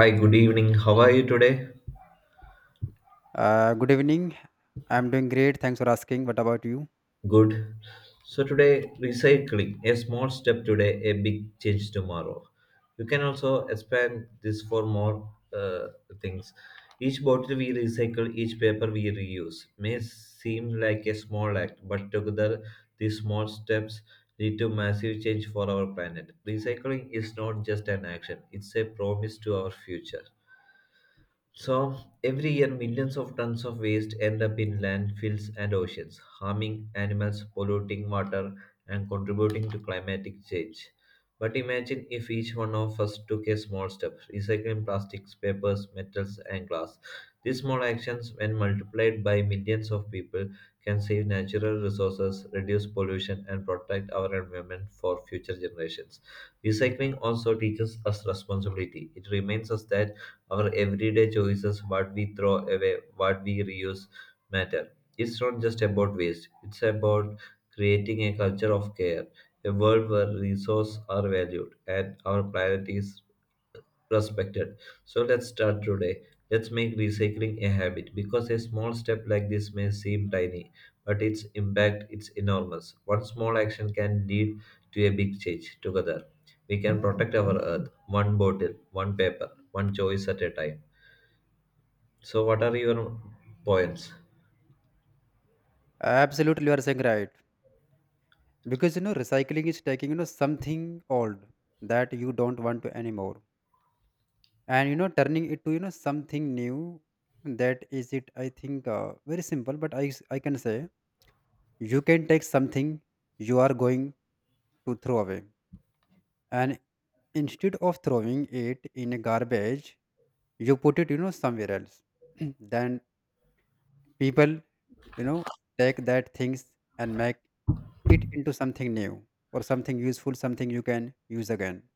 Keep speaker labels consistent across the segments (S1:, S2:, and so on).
S1: Hi, good evening. How are you today?
S2: Good evening. I'm doing great. Thanks for asking. What about you?
S1: Good. So, today, recycling a small step today, a big change tomorrow. You can also expand this for more uh, things. Each bottle we recycle, each paper we reuse may seem like a small act, but together, these small steps lead to massive change for our planet. Recycling is not just an action, it's a promise to our future. So, every year, millions of tons of waste end up in landfills and oceans, harming animals, polluting water, and contributing to climatic change. But imagine if each one of us took a small step, recycling plastics, papers, metals, and glass. These small actions, when multiplied by millions of people, can save natural resources, reduce pollution, and protect our environment for future generations. Recycling also teaches us responsibility. It reminds us that our everyday choices, what we throw away, what we reuse, matter. It's not just about waste, it's about creating a culture of care, a world where resources are valued and our planet is respected. So let's start today. Let's make recycling a habit because a small step like this may seem tiny, but its impact is enormous. One small action can lead to a big change together. We can protect our earth one bottle, one paper, one choice at a time. So, what are your points?
S2: Absolutely, you are saying right. Because recycling is taking something old that you don't want to anymore, and turning it to something new. That is it. I think very simple, but I can say you can take something you are going to throw away, and instead of throwing it in a garbage, you put it somewhere else. Then people you know take that things and make it into something new or something useful, something you can use again.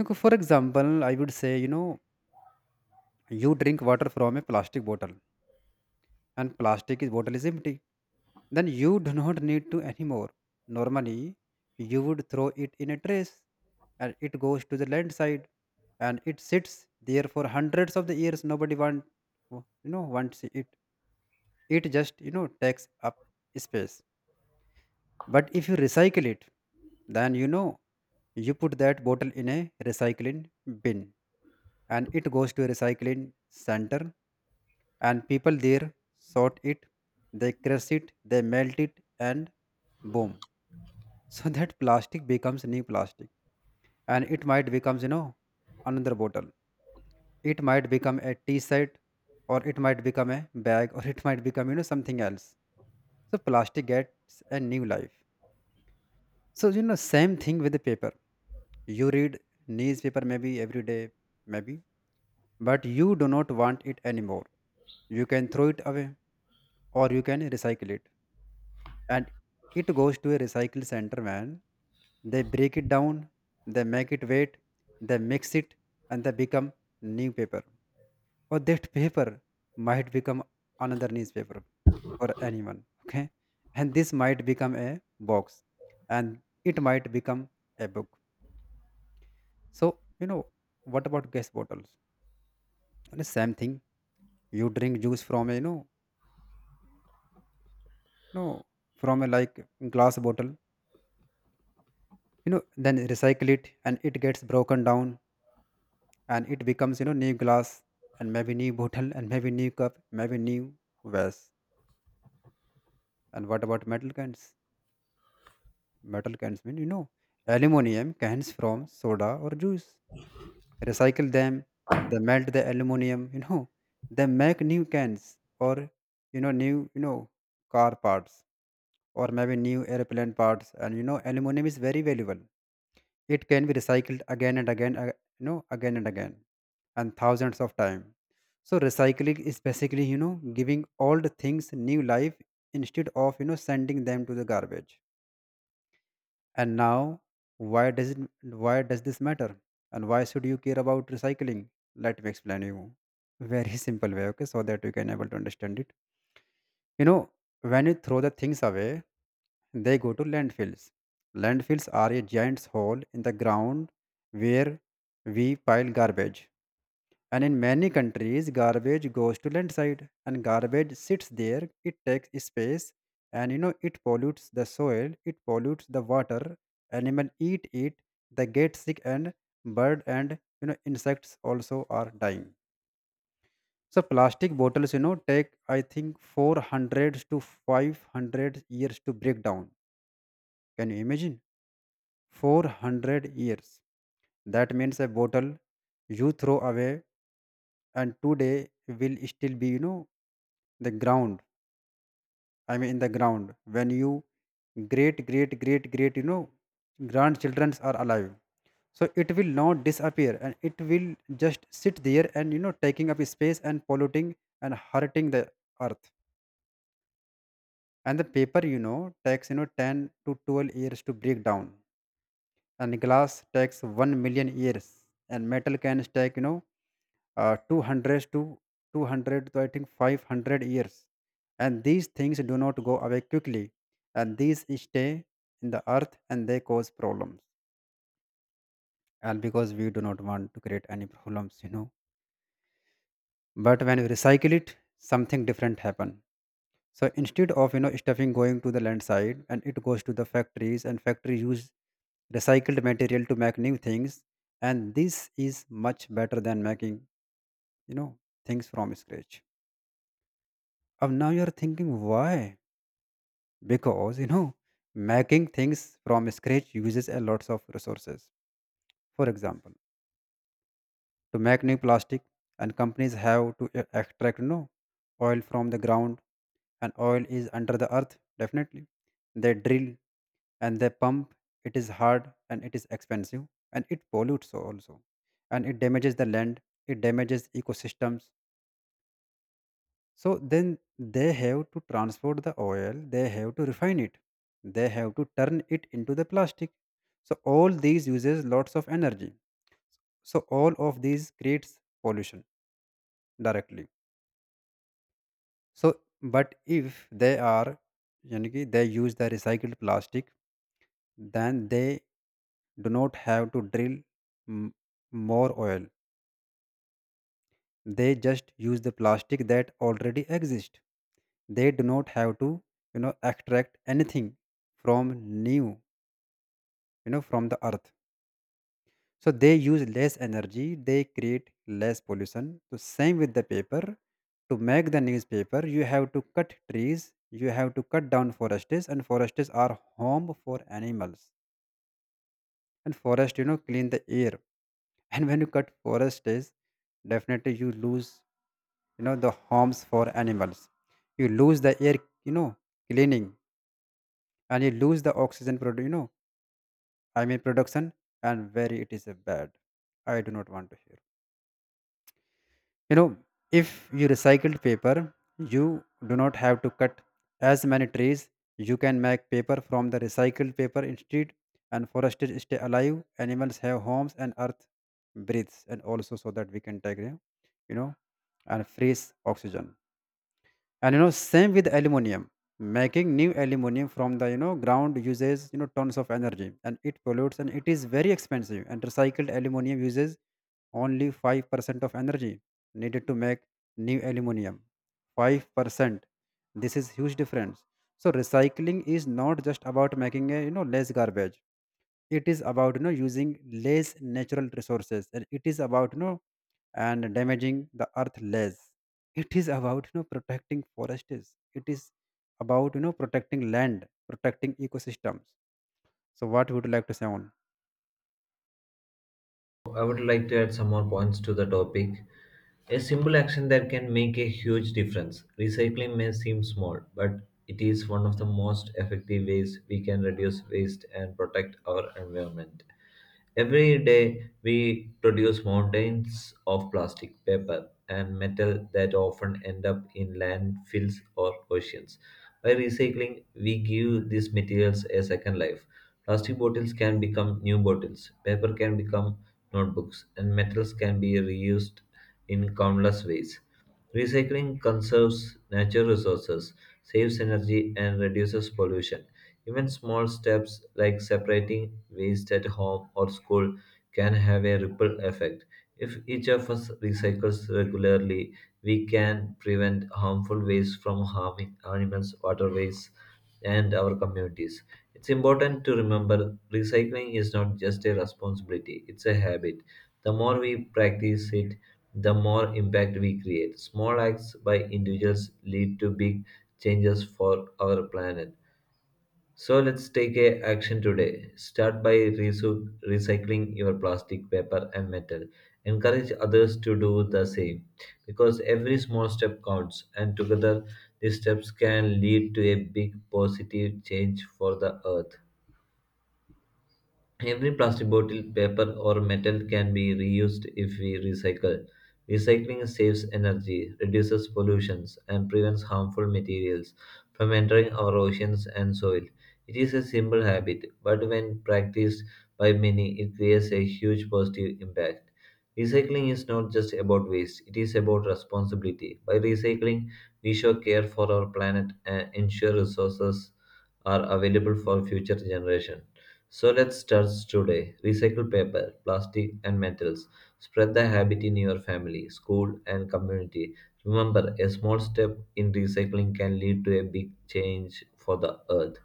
S2: Okay. For example, I would say, you drink water from a plastic bottle and bottle is empty. Then you do not need to anymore. Normally, you would throw it in a trash and it goes to the landside and it sits there for hundreds of the years. Nobody want, wants it. It just, takes up space. But if you recycle it, then you put that bottle in a recycling bin, and it goes to a recycling center, and people there sort it, they crush it, they melt it, and boom. So that plastic becomes new plastic, and it might becomes another bottle, it might become a t-shirt, or it might become a bag, or it might become something else. So plastic gets a new life. So, same thing with the paper. You read newspaper maybe every day, maybe, but you do not want it anymore. You can throw it away or you can recycle it. And it goes to a recycle center, man. They break it down, they make it wet, they mix it, and they become new paper. Or that paper might become another newspaper for anyone. Okay. And this might become a box, and it might become a book. So, what about gas bottles? And the same thing. You drink juice from a, no, from a like glass bottle, then recycle it and it gets broken down, and it becomes, new glass, and maybe new bottle, and maybe new cup, maybe new vase. And what about metal cans? Metal cans mean aluminum cans from soda or juice. Recycle them, they melt the aluminum, they make new cans, or new car parts, or maybe new airplane parts. And aluminum is very valuable, it can be recycled again and again, again and again, and thousands of times. So recycling is basically giving old things new life instead of sending them to the garbage. And now, why does this matter? And why should you care about recycling? Let me explain you. Very simple way, okay, so that you can able to understand it. You know, when you throw the things away, they go to landfills. Landfills are a giant hole in the ground where we pile garbage. And in many countries, garbage goes to landside and garbage sits there. It takes space, and it pollutes the soil, it pollutes the water. Animal eat it, they get sick, and bird, and insects also are dying. So plastic bottles, take I think 400 to 500 years to break down. Can you imagine? 400 years. That means a bottle you throw away and today will still be the ground, in the ground, when you great great great great grandchildren are alive. So it will not disappear, and it will just sit there and taking up space and polluting and hurting the earth. And the paper takes 10 to 12 years to break down, and glass takes 1 million years, and metal cans take 200 to 200 to I think 500 years. And these things do not go away quickly, and these stay in the earth and they cause problems. And because we do not want to create any problems, you know. But when we recycle it, something different happen. So instead of stuffing going to the land side, and it goes to the factories, and factory use recycled material to make new things, and this is much better than making you know things from scratch. Of now you're thinking why, because making things from scratch uses a lots of resources. For example, to make new plastic, and companies have to extract oil from the ground. And oil is under the earth definitely, they drill and they pump, it is hard and it is expensive, and it pollutes also, and it damages the land, it damages ecosystems. So then they have to transport the oil, they have to refine it, they have to turn it into the plastic. So all these uses lots of energy. So all of these creates pollution directly. So but if they are यानी कि they use the recycled plastic, then they do not have to drill m- more oil. They just use the plastic that already exists. They do not have to, extract anything from new from the earth. So they use less energy, they create less pollution. So same with the paper, to make the newspaper you have to cut trees, you have to cut down forests, and forests are home for animals, and forest clean the air. And when you cut forests, definitely you lose the homes for animals, you lose the air, you know cleaning, and you lose the oxygen production. And very it is a bad, I do not want to hear you know if you recycled paper, you do not have to cut as many trees, you can make paper from the recycled paper instead, and forests stay alive, animals have homes, and earth breathes. And also so that we can take and freeze oxygen. And same with aluminum, making new aluminum from the ground uses tons of energy, and it pollutes, and it is very expensive, and recycled aluminum uses only 5% of energy needed to make new aluminum. 5%. This is huge difference. So recycling is not just about making a less garbage, it is about using less natural resources, and it is about and damaging the earth less. It is about protecting forests. It is about protecting land, protecting ecosystems. So what would you like to say on?
S1: I would like to add some more points to the topic. A simple action that can make a huge difference. Recycling may seem small, but it is one of the most effective ways we can reduce waste and protect our environment. Every day, we produce mountains of plastic, paper, and metal that often end up in landfills or oceans. By recycling, we give these materials a second life. Plastic bottles can become new bottles, paper can become notebooks, and metals can be reused in countless ways. Recycling conserves natural resources, saves energy, and reduces pollution. Even small steps like separating waste at home or school can have a ripple effect. If each of us recycles regularly, we can prevent harmful waste from harming animals, waterways, and our communities. It's important to remember recycling is not just a responsibility, it's a habit. The more we practice it, the more impact we create. Small acts by individuals lead to big changes for our planet. So let's take a action today. Start by recycling your plastic, paper, and metal. Encourage others to do the same because every small step counts, and together these steps can lead to a big positive change for the earth. Every plastic bottle, paper, or metal can be reused if we recycle. Recycling saves energy, reduces pollutions, and prevents harmful materials from entering our oceans and soil. It is a simple habit, but when practiced by many, it creates a huge positive impact. Recycling is not just about waste, it is about responsibility. By recycling, we show care for our planet and ensure resources are available for future generations. So let's start today. Recycle paper, plastic, and metals. Spread the habit in your family, school, and community. Remember, a small step in recycling can lead to a big change for the earth.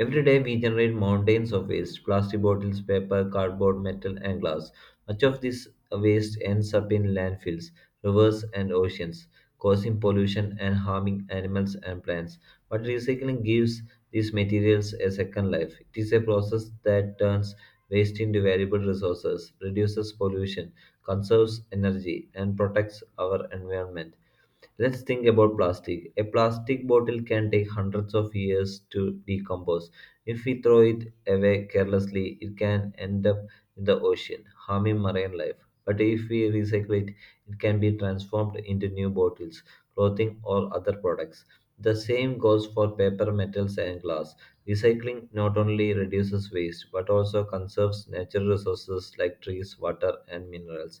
S1: Every day we generate mountains of waste plastic bottles, paper, cardboard, metal, and glass. Much of this waste ends up in landfills, rivers, and oceans, causing pollution and harming animals and plants. But recycling gives these materials a second life. It is a process that turns waste into valuable resources, reduces pollution, conserves energy, and protects our environment. Let's think about plastic. A plastic bottle can take hundreds of years to decompose. If we throw it away carelessly, it can end up in the ocean, harming marine life. But if we recycle it, it can be transformed into new bottles, clothing, or other products. The same goes for paper, metals, and glass. Recycling not only reduces waste but also conserves natural resources like trees, water, and minerals.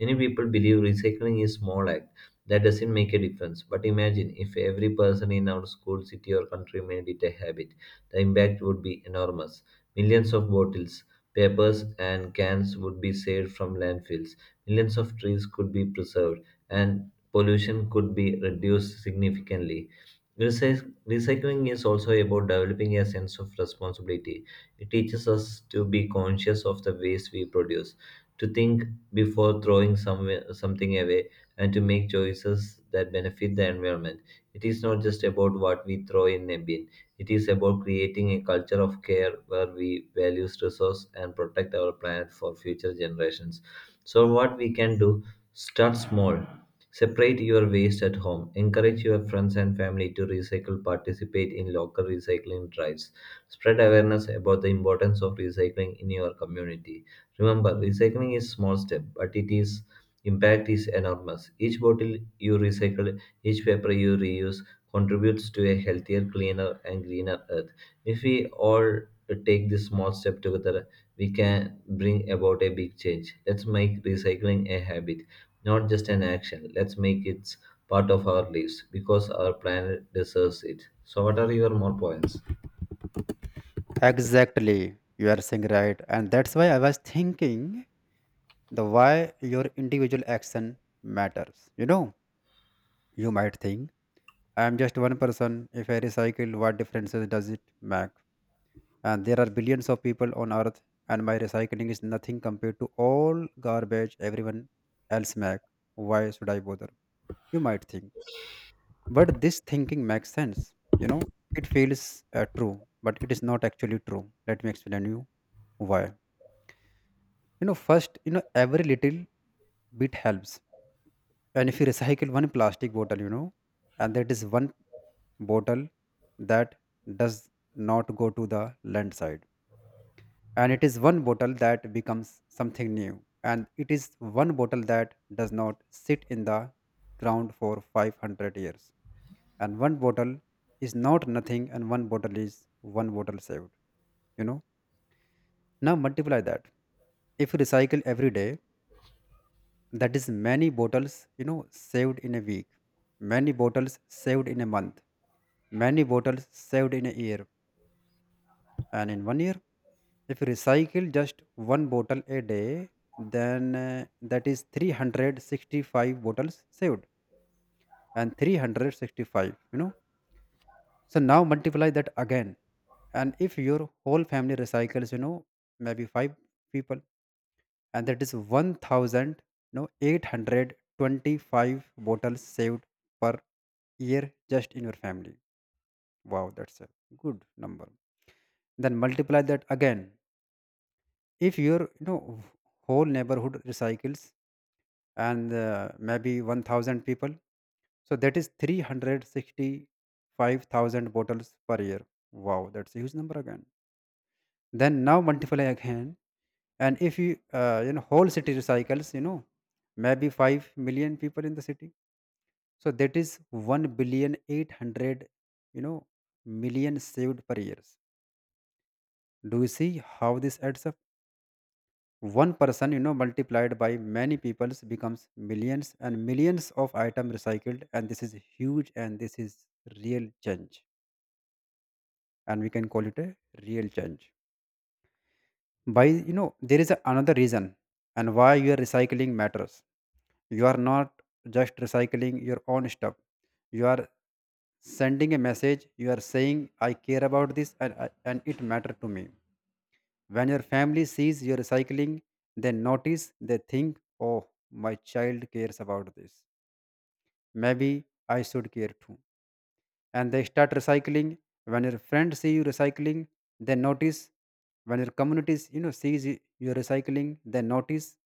S1: Many people believe recycling is small act that doesn't make a difference. But imagine if every person in our school, city, or country made it a habit. The impact would be enormous. Millions of bottles, papers, and cans would be saved from landfills. Millions of trees could be preserved, and pollution could be reduced significantly. Recycling is also about developing a sense of responsibility. It teaches us to be conscious of the waste we produce, to think before throwing something away, and to make choices that benefit the environment. It is not just about what we throw in a bin, it is about creating a culture of care where we value resource and protect our planet for future generations. So what we can do? Start small. Separate your waste at home. Encourage your friends and family to recycle. Participate in local recycling drives. Spread awareness about the importance of recycling in your community. Remember, recycling is small step, but it is impact is enormous. Each bottle you recycle, each paper you reuse, contributes to a healthier, cleaner, and greener earth. If we all take this small step together, we can bring about a big change. Let's make recycling a habit, not just an action. Let's make it part of our lives because our planet deserves it. So, what are your more points?
S2: Exactly, you are saying right, and that's why I was thinking the why your individual action matters. You might think I am just one person. If I recycle, what differences does it make? And there are billions of people on earth, and my recycling is nothing compared to all garbage everyone else make. Why should I bother, you might think. But this thinking makes sense, you know it feels true, but it is not actually true. Let me explain you why. First, every little bit helps. And if you recycle one plastic bottle, and that is one bottle that does not go to the landslide, and it is one bottle that becomes something new, and it is one bottle that does not sit in the ground for 500 years. And one bottle is not nothing, and one bottle is one bottle saved, you know. Now multiply that. If you recycle every day, that is many bottles saved in a week, many bottles saved in a month, many bottles saved in a year. And in one year, if you recycle just one bottle a day, then that is 365 bottles saved. And 365, so now multiply that again. And if your whole family recycles, maybe five people, and that is 1,000, no, 825 bottles saved per year, just in your family. Wow, that's a good number. Then multiply that again. If your whole neighborhood recycles, and maybe 1,000 people, so that is 365,000 bottles per year. Wow, that's a huge number again. Then now multiply again, and if you you know whole city recycles, maybe 5 million people in the city, so that is one billion eight hundred you know million saved per years. Do you see how this adds up? One person, multiplied by many peoples, becomes millions and millions of item recycled. And this is huge, and this is real change, and we can call it a real change by, there is another reason, and why your recycling matters. You are not just recycling your own stuff. You are sending a message. You are saying, I care about this, and it matter to me. When your family sees your cycling, they notice. They think, oh, my child cares about this. Maybe I should care too. And they start recycling. When your friends see you recycling, they notice. When your communities, sees you recycling, they notice.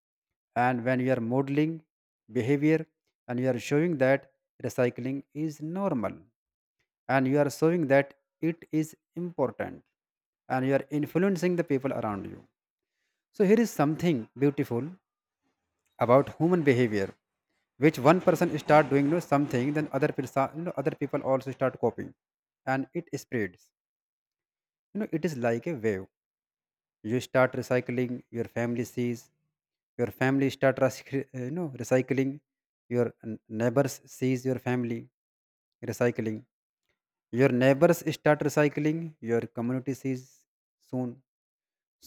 S2: And when you are modeling behavior, and you are showing that recycling is normal, and you are showing that it is important, and you are influencing the people around you. So here is something beautiful about human behavior, which one person start doing, something, then other person, other people also start copying, and it spreads. You know, it is like a wave. You start recycling, your family sees, your family start recycling, your neighbors sees your family recycling, your neighbors start recycling, your community sees soon.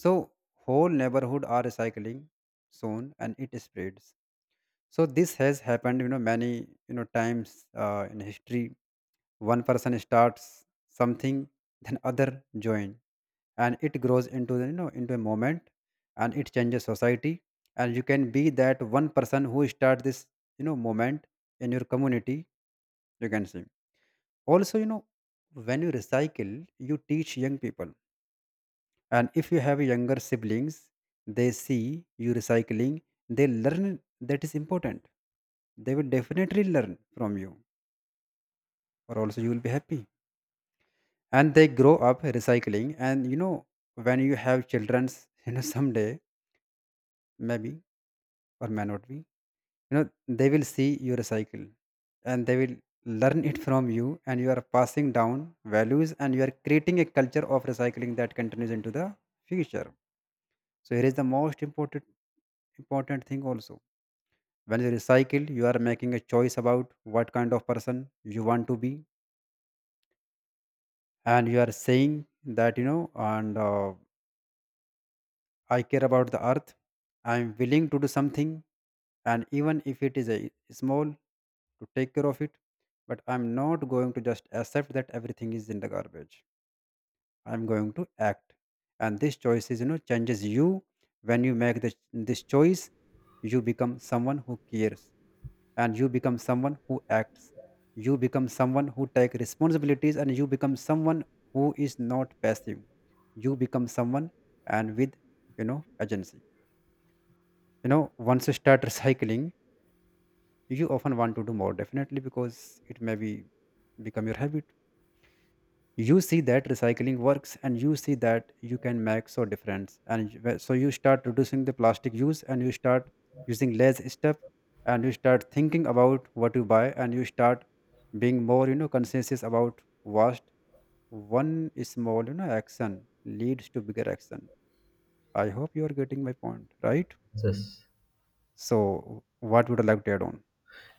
S2: So whole neighborhood are recycling soon, and it spreads. So this has happened, many, times in history. One person starts something, then other join, and it grows into the, you know into a moment, and it changes society. And you can be that one person who start this, moment in your community. You can see also, when you recycle, you teach young people. And if you have younger siblings, they see you recycling, they learn that is important. They will definitely learn from you. Or also you will be happy, and they grow up recycling. And when you have children's someday, maybe, or may not be, you know they will see you recycle, and they will learn it from you. And you are passing down values, and you are creating a culture of recycling that continues into the future. So here is the most important thing also. When you recycle, you are making a choice about what kind of person you want to be, and you are saying that, you know, and I care about the earth. I am willing to do something, and even if it is a small, to take care of it. But I'm not going to just accept that everything is in the garbage. I'm going to act, and this choice is you know changes you. When you make this choice, you become someone who cares, and you become someone who acts, you become someone who takes responsibilities, and you become someone who is not passive. You become someone, and with, agency. Once you start recycling, you often want to do more, definitely, because it may be become your habit. You see that recycling works, and you see that you can make so difference, and so you start reducing the plastic use, and you start using less stuff, and you start thinking about what you buy, and you start being more, conscientious about waste. One small, action leads to bigger action. I hope you are getting my point, right?
S1: Yes.
S2: So what would I like to add on?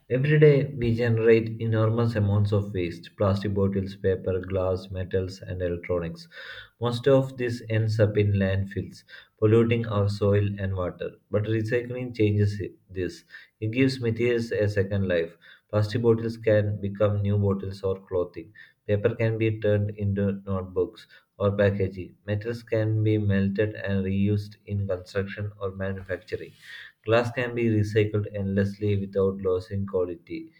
S1: Every day, we generate enormous amounts of waste plastic bottles, paper, glass, metals, and electronics. Most of this ends up in landfills, polluting our soil and water. But recycling changes this. It gives materials a second life. Plastic bottles can become new bottles or clothing. Paper can be turned into notebooks or packaging. Metals can be melted and reused in construction or manufacturing. Glass can be recycled endlessly without losing quality.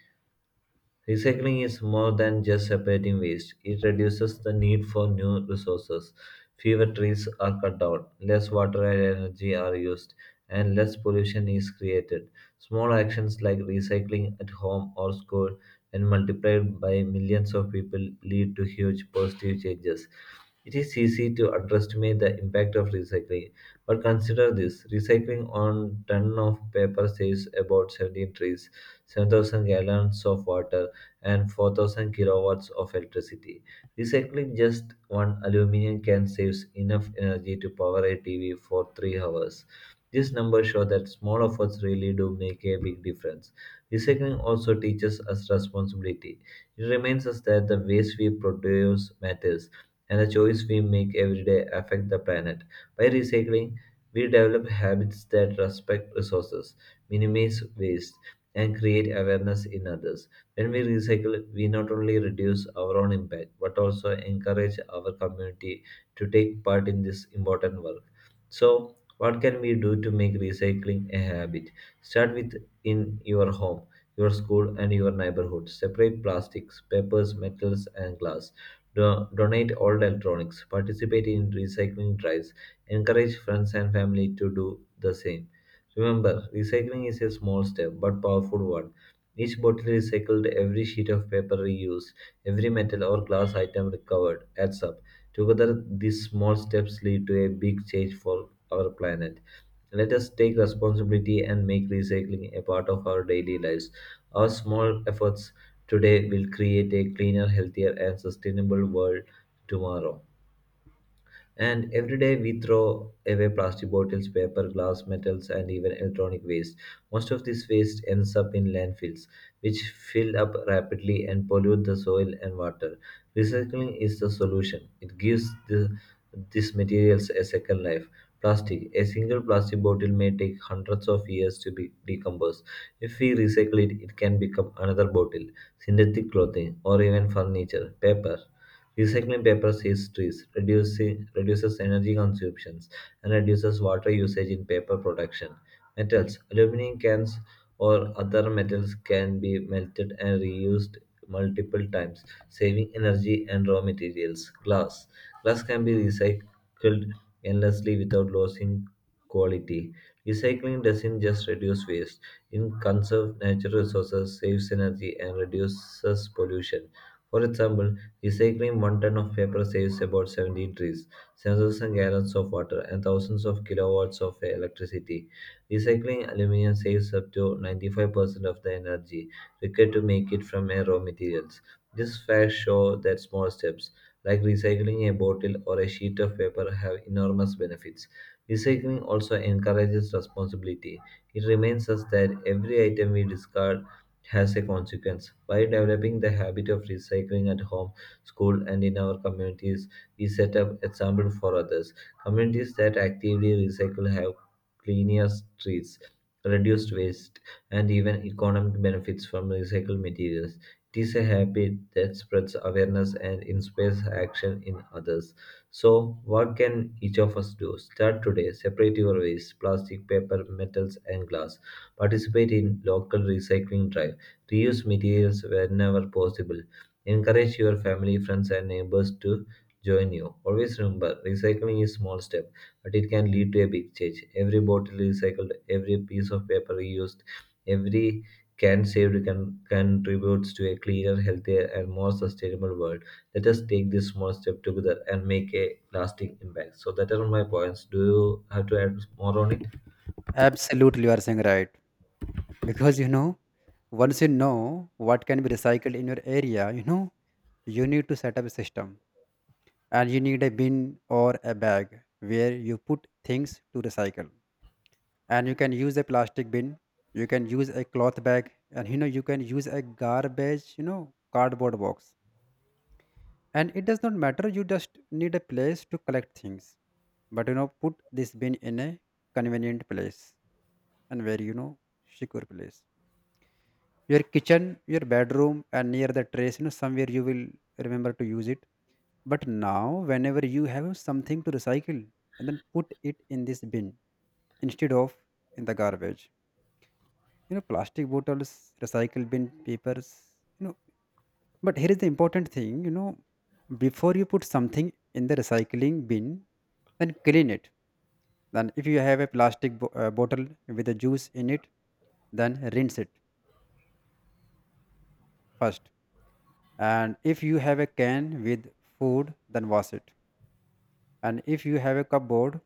S1: Recycling is more than just separating waste. It reduces the need for new resources. Fewer trees are cut down, less water and energy are used, and less pollution is created. Small actions like recycling at home or school and multiplied by millions of people lead to huge positive changes. It is easy to underestimate the impact of recycling, but consider this. Recycling on ton of paper saves about 17 trees, 7,000 gallons of water, and 4,000 kilowatts of electricity. Recycling just one aluminum can saves enough energy to power a TV for 3 hours. These numbers show that small efforts really do make a big difference. Recycling also teaches us responsibility. It reminds us that the waste we produce matters and the choice we make every day affect the planet. By recycling, we develop habits that respect resources, minimize waste, and create awareness in others. When we recycle, we not only reduce our own impact but also encourage our community to take part in this important work. So, what can we do to make recycling a habit? Start with in your home, your school, and your neighborhood. Separate plastics, papers, metals, and glass. Donate old electronics. Participate in recycling drives. Encourage friends and family to do the same. Remember, recycling is a small step but powerful one. Each bottle recycled, every sheet of paper reused, every metal or glass item recovered adds up. Together, these small steps lead to a big change for our planet. Let us take responsibility and make recycling a part of our daily lives. Our small efforts today will create a cleaner, healthier, and sustainable world tomorrow. And every day we throw away plastic bottles, paper, glass, metals, and even electronic waste. Most of this waste ends up in landfills, which fill up rapidly and pollute the soil and water. Recycling is the solution. It gives these materials a second life. Plastic. A single plastic bottle may take hundreds of years to be decomposed. If we recycle it, it can become another bottle, synthetic clothing, or even furniture. Paper. Recycling paper saves trees, reduces energy consumptions, and reduces water usage in paper production. Metals. Aluminum cans or other metals can be melted and reused multiple times, saving energy and raw materials. Glass. Glass can be recycled endlessly without losing quality. Recycling doesn't just reduce waste, it conserves natural resources, saves energy, and reduces pollution. For example, recycling one ton of paper saves about 70 trees, 7,000 gallons of water, and thousands of kilowatts of electricity. Recycling aluminium saves up to 95% of the energy required to make it from a raw materials. These facts show that small steps, like recycling a bottle or a sheet of paper, have enormous benefits. Recycling also encourages responsibility. It reminds us that every item we discard has a consequence. By developing the habit of recycling at home, school, and in our communities, we set up example for others. Communities that actively recycle have cleaner streets, reduced waste, and even economic benefits from recycled materials. It is a habit that spreads awareness and inspires action in others. So, what can each of us do? Start today. Separate your waste, plastic, paper, metals, and glass. Participate in local recycling drive. Reuse materials whenever possible. Encourage your family, friends, and neighbors to join you. Always remember, recycling is small step, but it can lead to a big change. Every bottle recycled, every piece of paper reused, every can saved can contributes to a cleaner, healthier, and more sustainable world. Let us take this small step together and make a lasting impact. So that are my points. Do you have to add more on it?
S2: Absolutely, you are saying right. Because, once you know what can be recycled in your area, you need to set up a system, and you need a bin or a bag where you put things to recycle. And you can use a plastic bin, you can use a cloth bag, and you can use a garbage, cardboard box. And it does not matter, you just need a place to collect things. But, put this bin in a convenient place, and very, secure place. Your kitchen, your bedroom, and near the trace, somewhere you will remember to use it. But now, whenever you have something to recycle, and then put it in this bin instead of in the garbage. Plastic bottles, recycle bin papers, you know but here is the important thing. Before you put something in the recycling bin, then clean it. Then if you have a bottle with a juice in it, then rinse it first. And if you have a can with food, then wash it. And if you have a cupboard,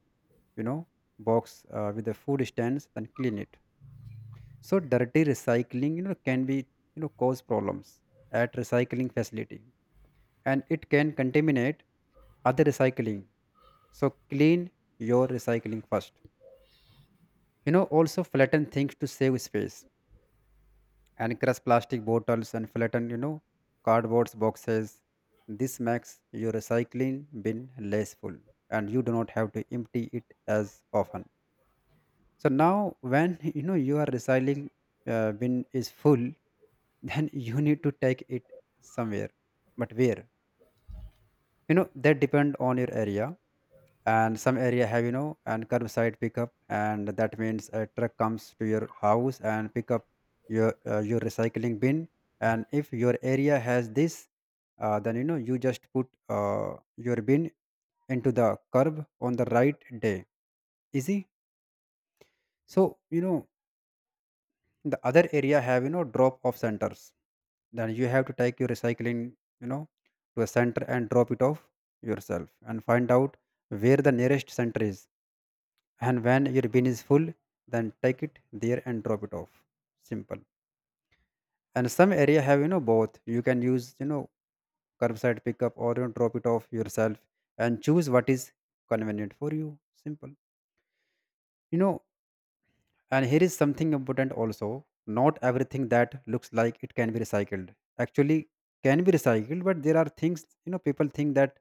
S2: you know, box with the food stands, then clean it. So dirty recycling, can be, cause problems at recycling facility, and it can contaminate other recycling. So clean your recycling first. Also flatten things to save space, and crush plastic bottles, and flatten, cardboard boxes. This makes your recycling bin less full, and you do not have to empty it as often. So now, when your recycling bin is full, then you need to take it somewhere. But where? That depend on your area. And some area have, you know and curbside pickup, and that means a truck comes to your house and pick up your recycling bin. And if your area has this, then you just put your bin into the curb on the right day. Easy. So, the other area have, drop off centers. Then you have to take your recycling, you know to a center and drop it off yourself, and find out where the nearest center is. And when your bin is full, then take it there and drop it off. Simple. And some area have, both. You can use, curbside pickup, or, drop it off yourself, and choose what is convenient for you. Simple. you know and here is something important also. Not everything that looks like it can be recycled actually can be recycled. But there are things, people think that,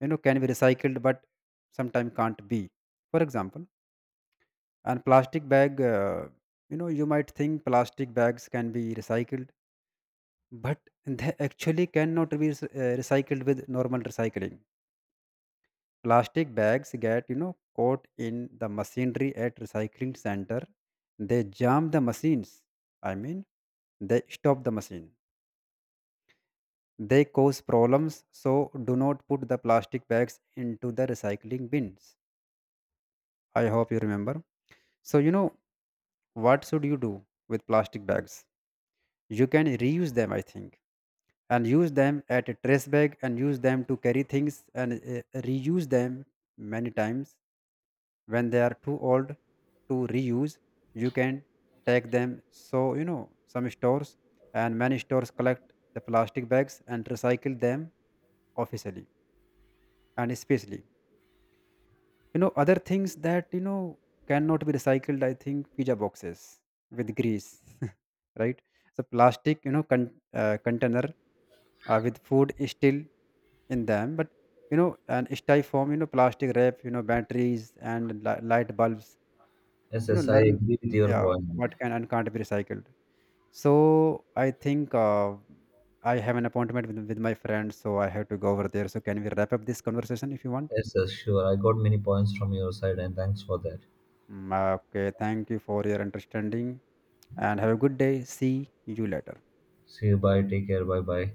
S2: can be recycled, but sometimes can't be. For example, and plastic bag, you might think plastic bags can be recycled, but they actually cannot be recycled with normal recycling. Plastic bags get, caught in the machinery at recycling center. They jam the machines, I mean, they stop the machine. They cause problems. So do not put the plastic bags into the recycling bins. I hope you remember. So, what should you do with plastic bags? You can reuse them, I think, and use them at a trace bag, and use them to carry things, and reuse them many times. When they are too old to reuse, you can take them so, some stores, and many stores collect the plastic bags and recycle them officially. And especially, other things that, cannot be recycled, I think, pizza boxes with grease, right. So plastic, container with food is still in them. But, you know and styrofoam, plastic wrap, batteries, and light bulbs.
S1: Yes, yes, I
S2: Learn,
S1: agree with your
S2: yeah,
S1: point.
S2: what can and can't be recycled. So I think, I have an appointment with my friend, so I have to go over there. So can we wrap up this conversation if you want?
S1: Yes, yes, sure. I got many points from your side, and thanks for that.
S2: Mm, okay, thank you for your understanding, and have a good day. See you later.
S1: See you. Bye. Take care. Bye. Bye.